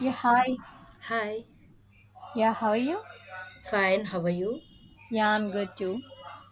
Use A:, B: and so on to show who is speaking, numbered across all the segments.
A: Yeah, hi.
B: Hi,
A: Yeah, how are you?
B: fine, how are you?
A: Yeah, I'm good too.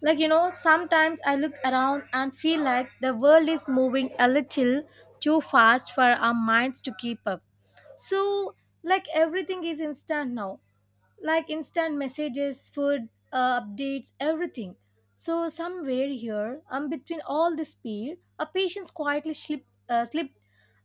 A: Sometimes I look around and feel like the world is moving a little too fast for our minds to keep up. So, like, everything is instant now. Like instant messages, food updates, everything. So somewhere here, between all the speed, our patience quietly slipped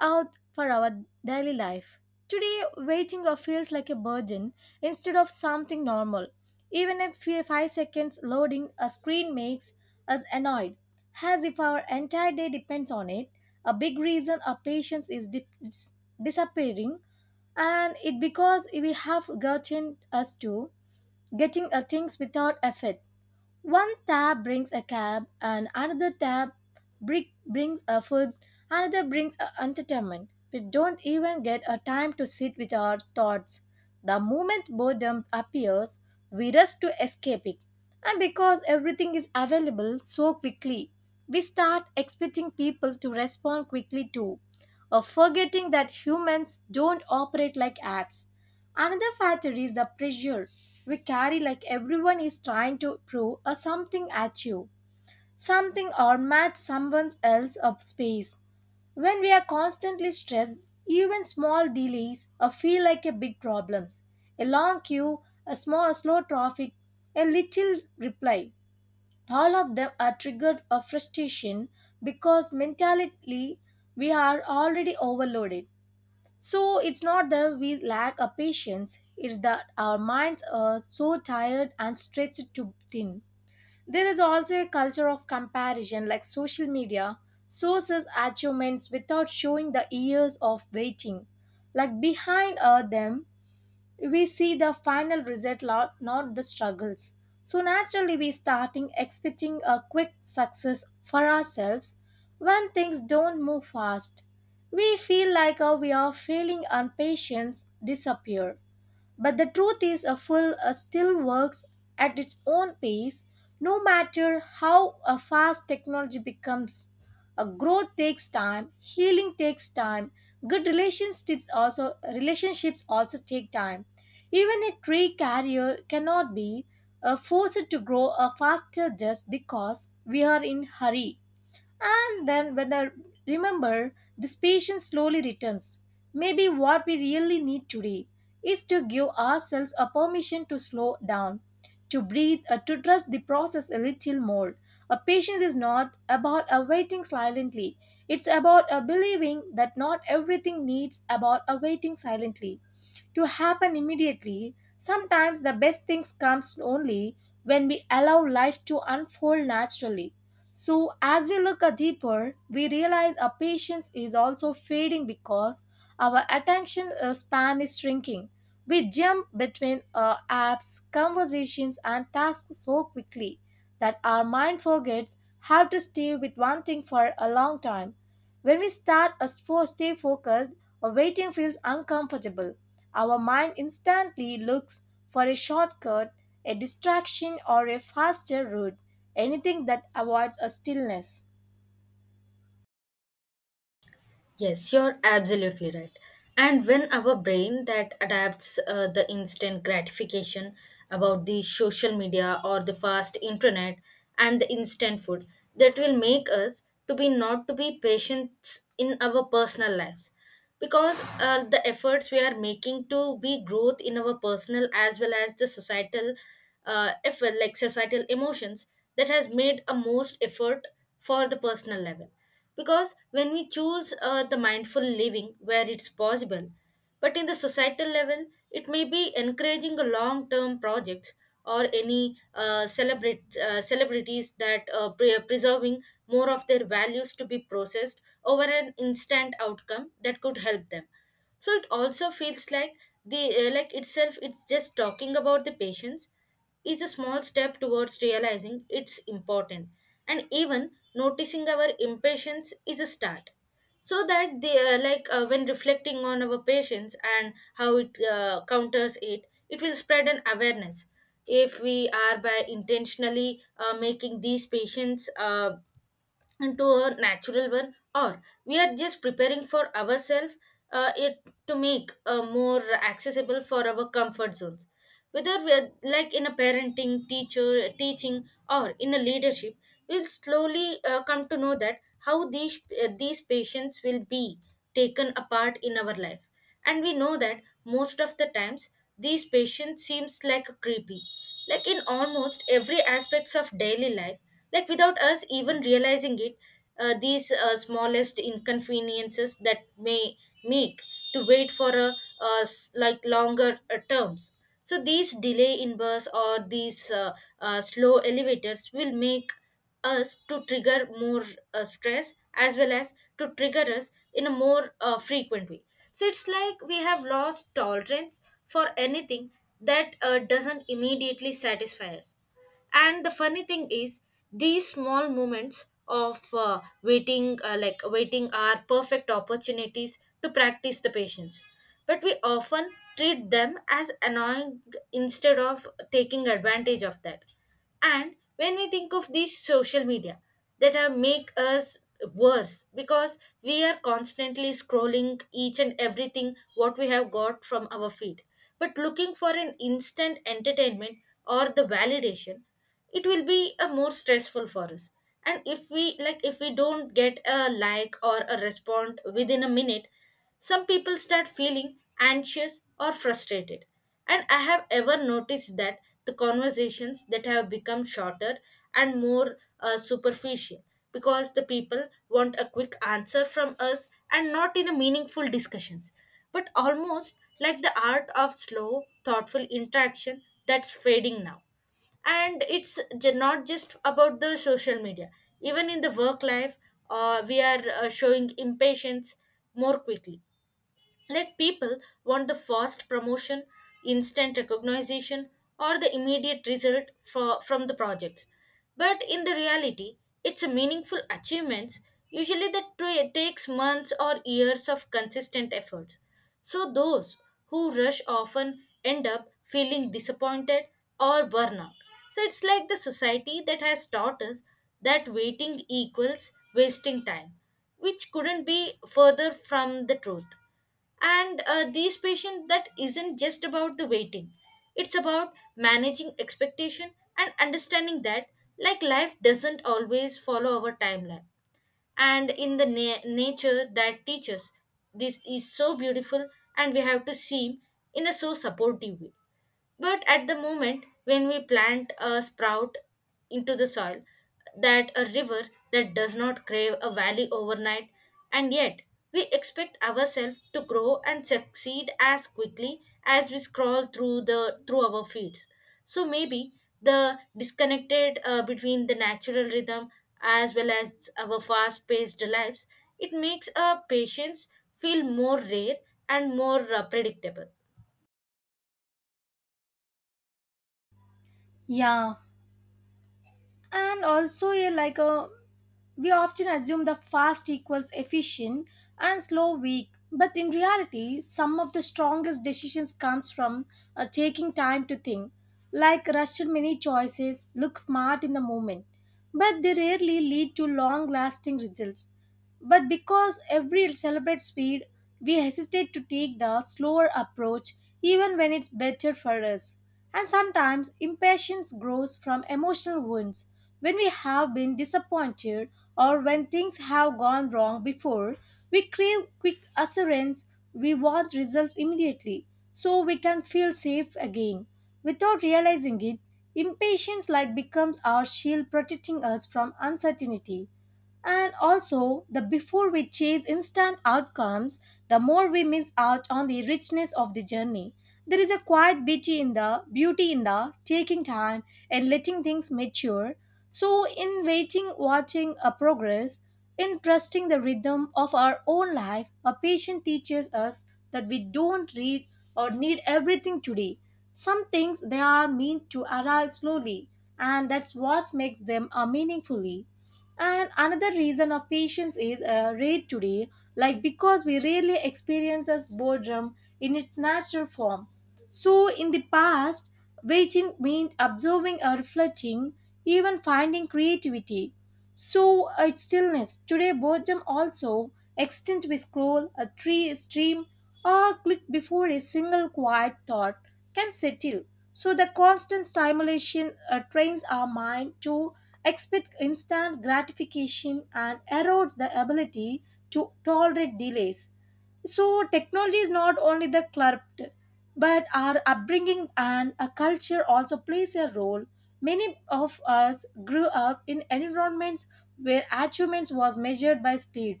A: out for our daily life. Today, waiting feels like a burden instead of something normal. Even if 5 seconds loading a screen makes us annoyed, as if our entire day depends on it. A big reason our patience is disappearing and it because we have gotten us to getting things without effort, one tab brings a cab, and another tab brings a food, another brings a entertainment. We don't even get a time to sit with our thoughts. The moment boredom appears, we rush to escape it. And because everything is available so quickly, we start expecting people to respond quickly too, or forgetting that humans don't operate like apps. Another factor is the pressure we carry, like everyone is trying to prove a something at you, something or match someone else of space. When we are constantly stressed, even small delays feel like a big problems. A long queue, a small slow traffic, a little reply. All of them are triggered of frustration because mentally we are already overloaded. So it's not that we lack a patience, it's that our minds are so tired and stretched too thin. There is also a culture of comparison, like social media sources achievements without showing the years of waiting. Like behind are them we see the final result lot, not the struggles, so naturally we starting expecting a quick success for ourselves. When things don't move fast we feel like we are failing and patience disappear. But the truth is, a full still works at its own pace, no matter how fast technology becomes. A growth takes time, healing takes time, good relationships also take time. Even a tree carrier cannot be forced to grow faster just because we are in hurry. And then, when I remember, this patience slowly returns. Maybe what we really need today is to give ourselves a permission to slow down, to breathe, to trust the process a little more. A patience is not about awaiting silently. It's about a believing that not everything needs about awaiting silently to happen immediately. Sometimes the best things comes only when we allow life to unfold naturally. So as we look a deeper, we realize our patience is also fading because our attention span is shrinking. We jump between apps, conversations, and tasks so quickly that our mind forgets how to stay with one thing for a long time. When we start as for stay focused, or waiting feels uncomfortable. Our mind instantly looks for a shortcut, a distraction, or a faster route, anything that avoids a stillness.
B: Yes, you're absolutely right. And when our brain that adapts the instant gratification about the social media or the fast internet and the instant food, that will make us to be not to be patient in our personal lives. Because the efforts we are making to be growth in our personal as well as the societal, if like societal emotions that has made a most effort for the personal level, because when we choose the mindful living where it's possible, but in the societal level, it may be encouraging a long-term projects or any celebrate celebrities that preserving more of their values to be processed over an instant outcome that could help them. So it also feels like the like itself, it's just talking about the patience is a small step towards realizing it's important, and even noticing our impatience is a start. So that they like when reflecting on our patients and how it counters it, it will spread an awareness if we are by intentionally making these patients into a natural one, or we are just preparing for ourselves it to make more accessible for our comfort zones, whether we are like in a parenting teacher teaching or in a leadership. We'll slowly come to know that how these patients will be taken apart in our life. And we know that most of the times these patients seems like a creepy, like in almost every aspects of daily life, like without us even realizing it, these smallest inconveniences that may make to wait for a like longer terms. So these delay in bus or these slow elevators will make us to trigger more stress as well as to trigger us in a more frequent way. So it's like we have lost tolerance for anything that doesn't immediately satisfy us. And the funny thing is, these small moments of waiting, like waiting, are perfect opportunities to practice the patience. But we often treat them as annoying instead of taking advantage of that. And when we think of these social media that are make us worse because we are constantly scrolling each and everything what we have got from our feed, but looking for an instant entertainment or the validation, it will be a more stressful for us. And if we like, if we don't get a like or a respond within a minute, some people start feeling anxious or frustrated. And I have ever noticed that the conversations that have become shorter and more superficial, because the people want a quick answer from us and not in a meaningful discussions, but almost like the art of slow, thoughtful interaction that's fading now. And not just about the social media, even in the work life, we are showing impatience more quickly, like people want the fast promotion, instant recognition, or the immediate result for, from the projects. But in the reality, it's a meaningful achievements usually that takes months or years of consistent efforts. So those who rush often end up feeling disappointed or burnout. So it's like the society that has taught us that waiting equals wasting time, which couldn't be further from the truth. And these patients that isn't just about the waiting, it's about managing expectation and understanding that like life doesn't always follow our timeline. And nature that teaches this is so beautiful, and we have to see in a so supportive way, but at the moment when we plant a sprout into the soil, that a river that does not crave a valley overnight, and yet we expect ourselves to grow and succeed as quickly as we scroll through our feeds. So maybe the disconnected between the natural rhythm as well as our fast-paced lives, it makes our patience feel more rare and more predictable.
A: Yeah, and also a like a we often assume the fast equals efficient and slow weak, but in reality, some of the strongest decisions comes from taking time to think, like rushed many choices, look smart in the moment, but they rarely lead to long-lasting results. But because every celebrates speed, we hesitate to take the slower approach even when it's better for us. And sometimes impatience grows from emotional wounds when we have been disappointed or when things have gone wrong before. We crave quick assurance, we want results immediately so we can feel safe again. Without realizing it, impatience like becomes our shield protecting us from uncertainty. And also, the before we chase instant outcomes, the more we miss out on the richness of the journey. There is a quiet beauty in the taking time and letting things mature. So in waiting, watching a progress, in trusting the rhythm of our own life, a patient teaches us that we don't read or need everything today. Some things they are meant to arrive slowly, and that's what makes them a meaningfully. And another reason of patience is rare today, like because we rarely experience as boredom in its natural form. So in the past, waiting meant observing or reflecting, even finding creativity. So it's stillness. Today, boredom also extends we scroll, a tree, stream, or click before a single quiet thought can settle. So the constant stimulation trains our mind to expect instant gratification and erodes the ability to tolerate delays. So, technology is not only the corrupt, but our upbringing and a culture also plays a role. Many of us grew up in environments where achievements was measured by speed,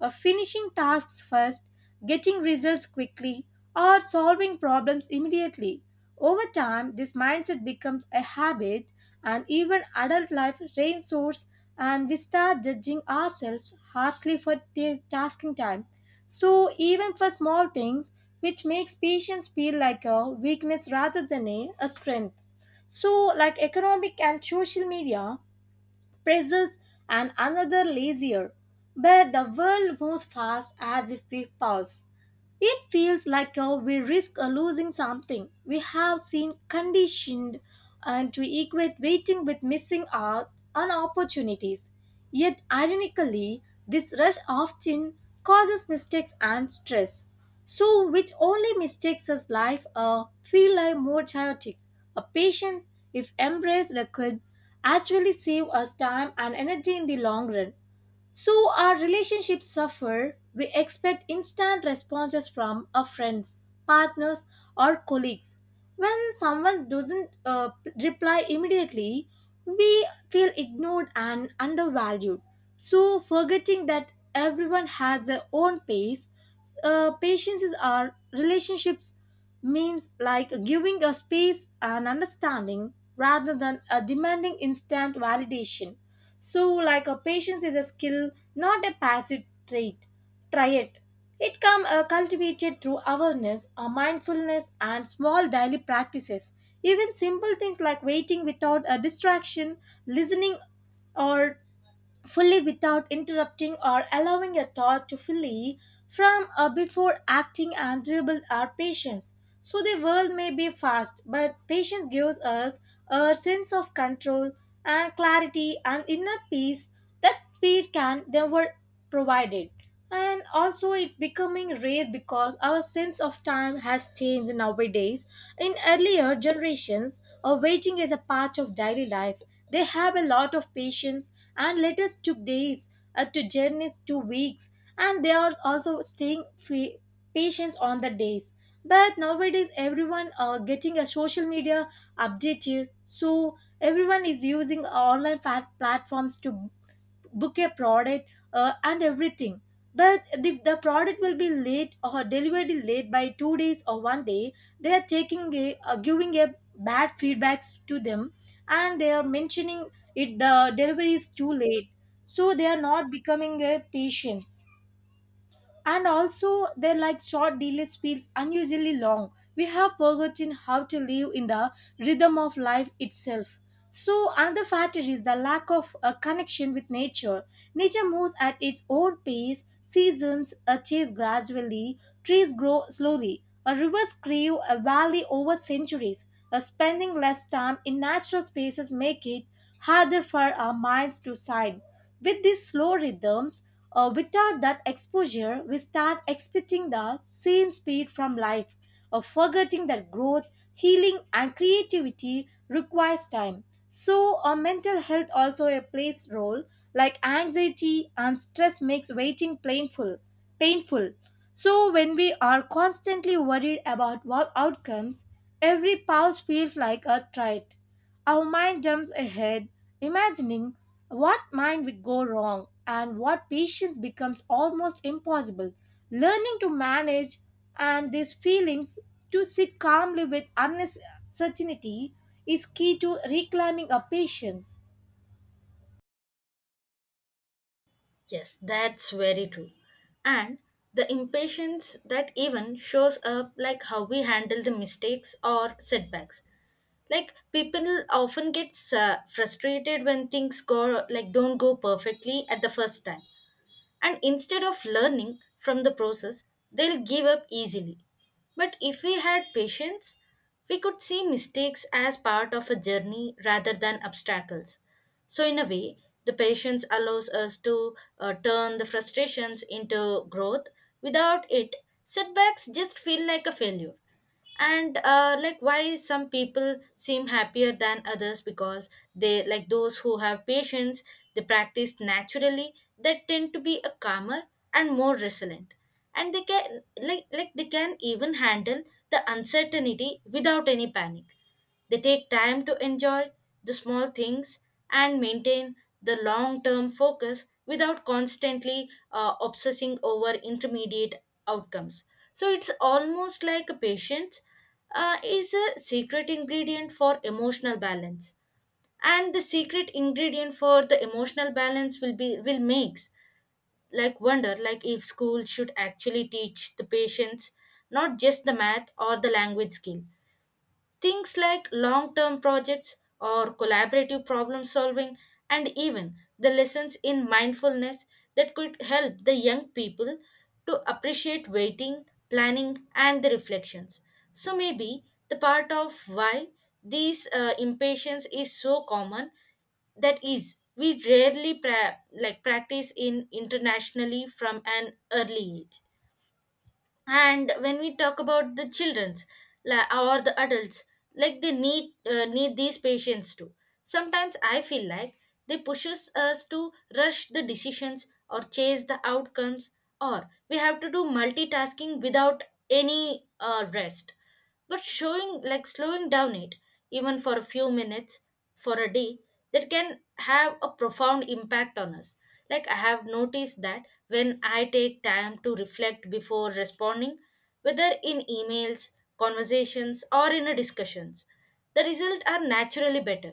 A: finishing tasks first, getting results quickly, or solving problems immediately. Over time, this mindset becomes a habit, and even adult life rain, and we start judging ourselves harshly for tasking time. So, even for small things, which makes patience feel like a weakness rather than a strength. So, like economic and social media, pressures and another lazier. But the world moves fast as if we pause. It feels like we risk losing something. We have seen conditioned and to equate waiting with missing out on opportunities. Yet, ironically, this rush often causes mistakes and stress. So, which only mistakes us life a feel like more chaotic. A patient, if embraced, could actually save us time and energy in the long run. So our relationships suffer. We expect instant responses from our friends, partners, or colleagues. When someone doesn't reply immediately, we feel ignored and undervalued. So forgetting that everyone has their own pace, patience is our relationships means like giving a space and understanding rather than a demanding instant validation. So, like a patience is a skill, not a passive trait. Try it. It can cultivated through awareness, mindfulness, and small daily practices. Even simple things like waiting without a distraction, listening or fully without interrupting or allowing a thought to fully from before acting and rebuild our patience. So the world may be fast, but patience gives us a sense of control and clarity and inner peace that speed can never provide it. And also, it's becoming rare because our sense of time has changed nowadays. In earlier generations, waiting is a part of daily life. They have a lot of patience, and letters took days, to journeys to weeks, and they are also staying patient on the days. But nowadays everyone are getting a social media updated, so everyone is using online platforms to book a product and everything. But if the product will be late or delivered late by 2 days or one day, they are taking a giving a bad feedbacks to them, and they are mentioning it the delivery is too late, so they are not becoming a patience. And also their like short delays feels unusually long. We have forgotten how to live in the rhythm of life itself. So another factor is the lack of a connection with nature. Nature moves at its own pace, seasons change gradually, trees grow slowly, a river's crave a valley over centuries. A spending less time in natural spaces make it harder for our minds to side with these slow rhythms. Without that exposure, we start expecting the same speed from life, forgetting that growth, healing, and creativity requires time. So, our mental health also a plays role, like anxiety and stress makes waiting painful. Painful, so, when we are constantly worried about what outcomes, every pause feels like a threat. Our mind jumps ahead, imagining what might we go wrong, and what patience becomes almost impossible. Learning to manage and these feelings to sit calmly with uncertainty is key to reclaiming our patience.
B: Yes, that's very true. And the impatience that even shows up like how we handle the mistakes or setbacks. Like people often get frustrated when things go like don't go perfectly at the first time, and instead of learning from the process, they'll give up easily. But if we had patience, we could see mistakes as part of a journey rather than obstacles. So, in a way, the patience allows us to turn the frustrations into growth. Without it, setbacks just feel like a failure. And like why some people seem happier than others, because they like those who have patience, they practice naturally, they tend to be a calmer and more resilient, and they can like they can even handle the uncertainty without any panic. They take time to enjoy the small things and maintain the long term focus without constantly obsessing over intermediate outcomes. So it's almost like a patience is a secret ingredient for emotional balance. And the secret ingredient for the emotional balance will be will makes like wonder, like if school should actually teach the patients, not just the math or the language skill. Things like long term projects or collaborative problem solving, and even the lessons in mindfulness that could help the young people to appreciate waiting, planning, and the reflections. So, maybe the part of why this impatience is so common that is we like practice in internationally from an early age. And when we talk about the children's, like, or the adults, like they need need these patients too. Sometimes I feel like they pushes us to rush the decisions or chase the outcomes, or we have to do multitasking without any rest. But showing like slowing down it, even for a few minutes for a day, that can have a profound impact on us. Like I have noticed that when I take time to reflect before responding, whether in emails, conversations, or in a discussions, the results are naturally better.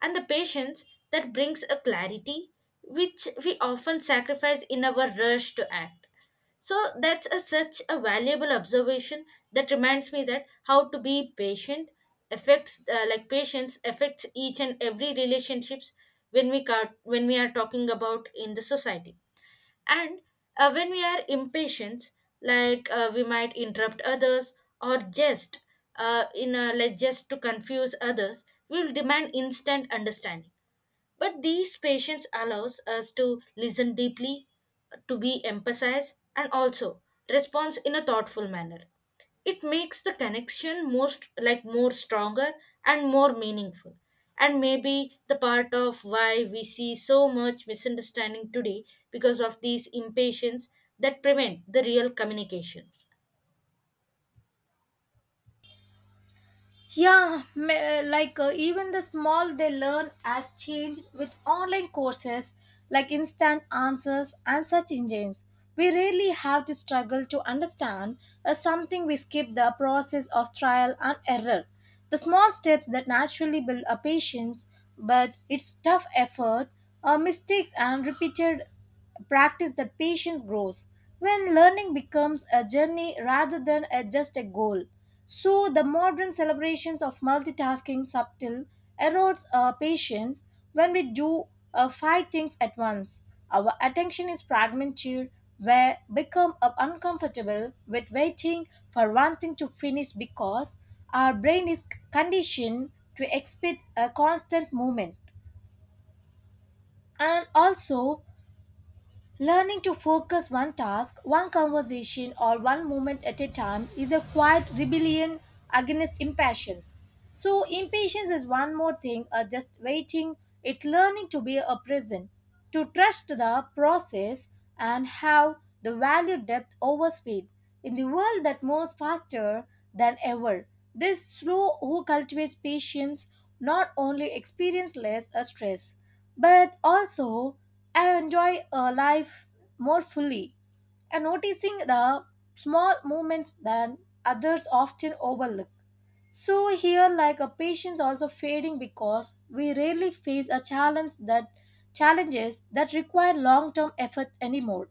B: And the patience that brings a clarity, which we often sacrifice in our rush to act. So that's a, such a valuable observation that reminds me that how to be patient affects like patience affects each and every relationships, when we are talking about in the society. And when we are impatient, like we might interrupt others, or just in a, like just to confuse others, we will demand instant understanding. But these patience allows us to listen deeply, to be emphasized, and also response in a thoughtful manner. It makes the connection most like more stronger and more meaningful. And maybe the part of why we see so much misunderstanding today, because of these impatience that prevent the real communication.
A: Yeah, like even the small they learn has changed with online courses, like instant answers and search engines. We really have to struggle to understand something we skip the process of trial and error. The small steps that naturally build a patience, but it's tough effort, mistakes and repeated practice that patience grows when learning becomes a journey rather than just a goal. So the modern celebrations of multitasking subtle erodes our patience when we do five things at once. Our attention is fragmented where become uncomfortable with waiting for one thing to finish because our brain is conditioned to expect a constant movement. And also, learning to focus one task, one conversation, or one moment at a time is a quiet rebellion against impatience. So, impatience is one more thing, just waiting. It's learning to be a present, to trust the process, and have the value depth over speed. In the world that moves faster than ever, this slow who cultivates patience not only experience less stress but also I enjoy life more fully and noticing the small movements that others often overlook. So here like a patience also fading because we rarely face a challenge that challenges that require long-term effort anymore.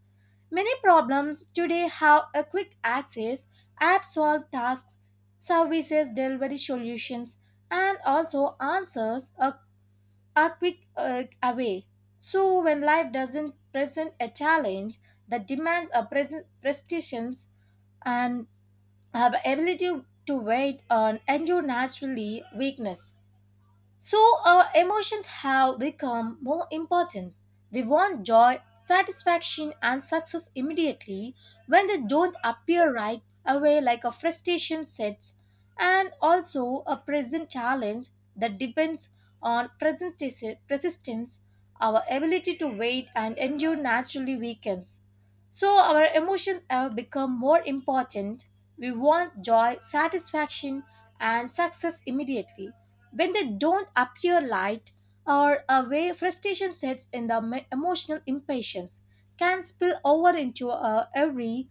A: Many problems today have a quick access, app solve tasks, services delivery solutions, and also answers a quick away. So when life doesn't present a challenge that demands a present prestations and our ability to wait and endure naturally weakness. So our emotions have become more important. We want joy, satisfaction, and success immediately. When they don't appear right away, like a frustration sets, and also a present challenge that depends on present persistence, our ability to wait and endure naturally weakens. So our emotions have become more important. We want joy, satisfaction, and success immediately. When they don't appear light or away, frustration sets in emotional impatience can spill over into every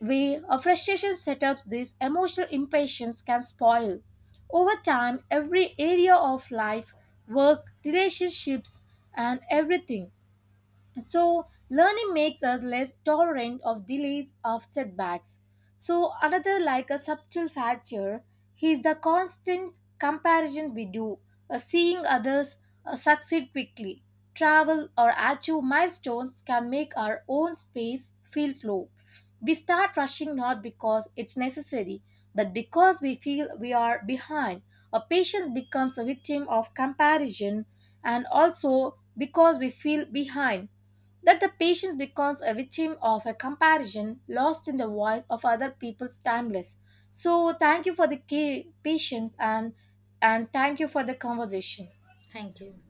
A: way a frustration setups this emotional impatience can spoil. Over time, every area of life, work, relationships, and everything. So, learning makes us less tolerant of delays, of setbacks. So, another like a subtle factor is the constant comparison we do, seeing others succeed quickly, travel, or achieve milestones can make our own pace feel slow. We start rushing not because it's necessary, but because we feel we are behind. A patient becomes a victim of comparison, and also because we feel behind that the patient becomes a victim of a comparison lost in the voice of other people's timeless. So, thank you for the patience and thank you for the conversation.
B: Thank you.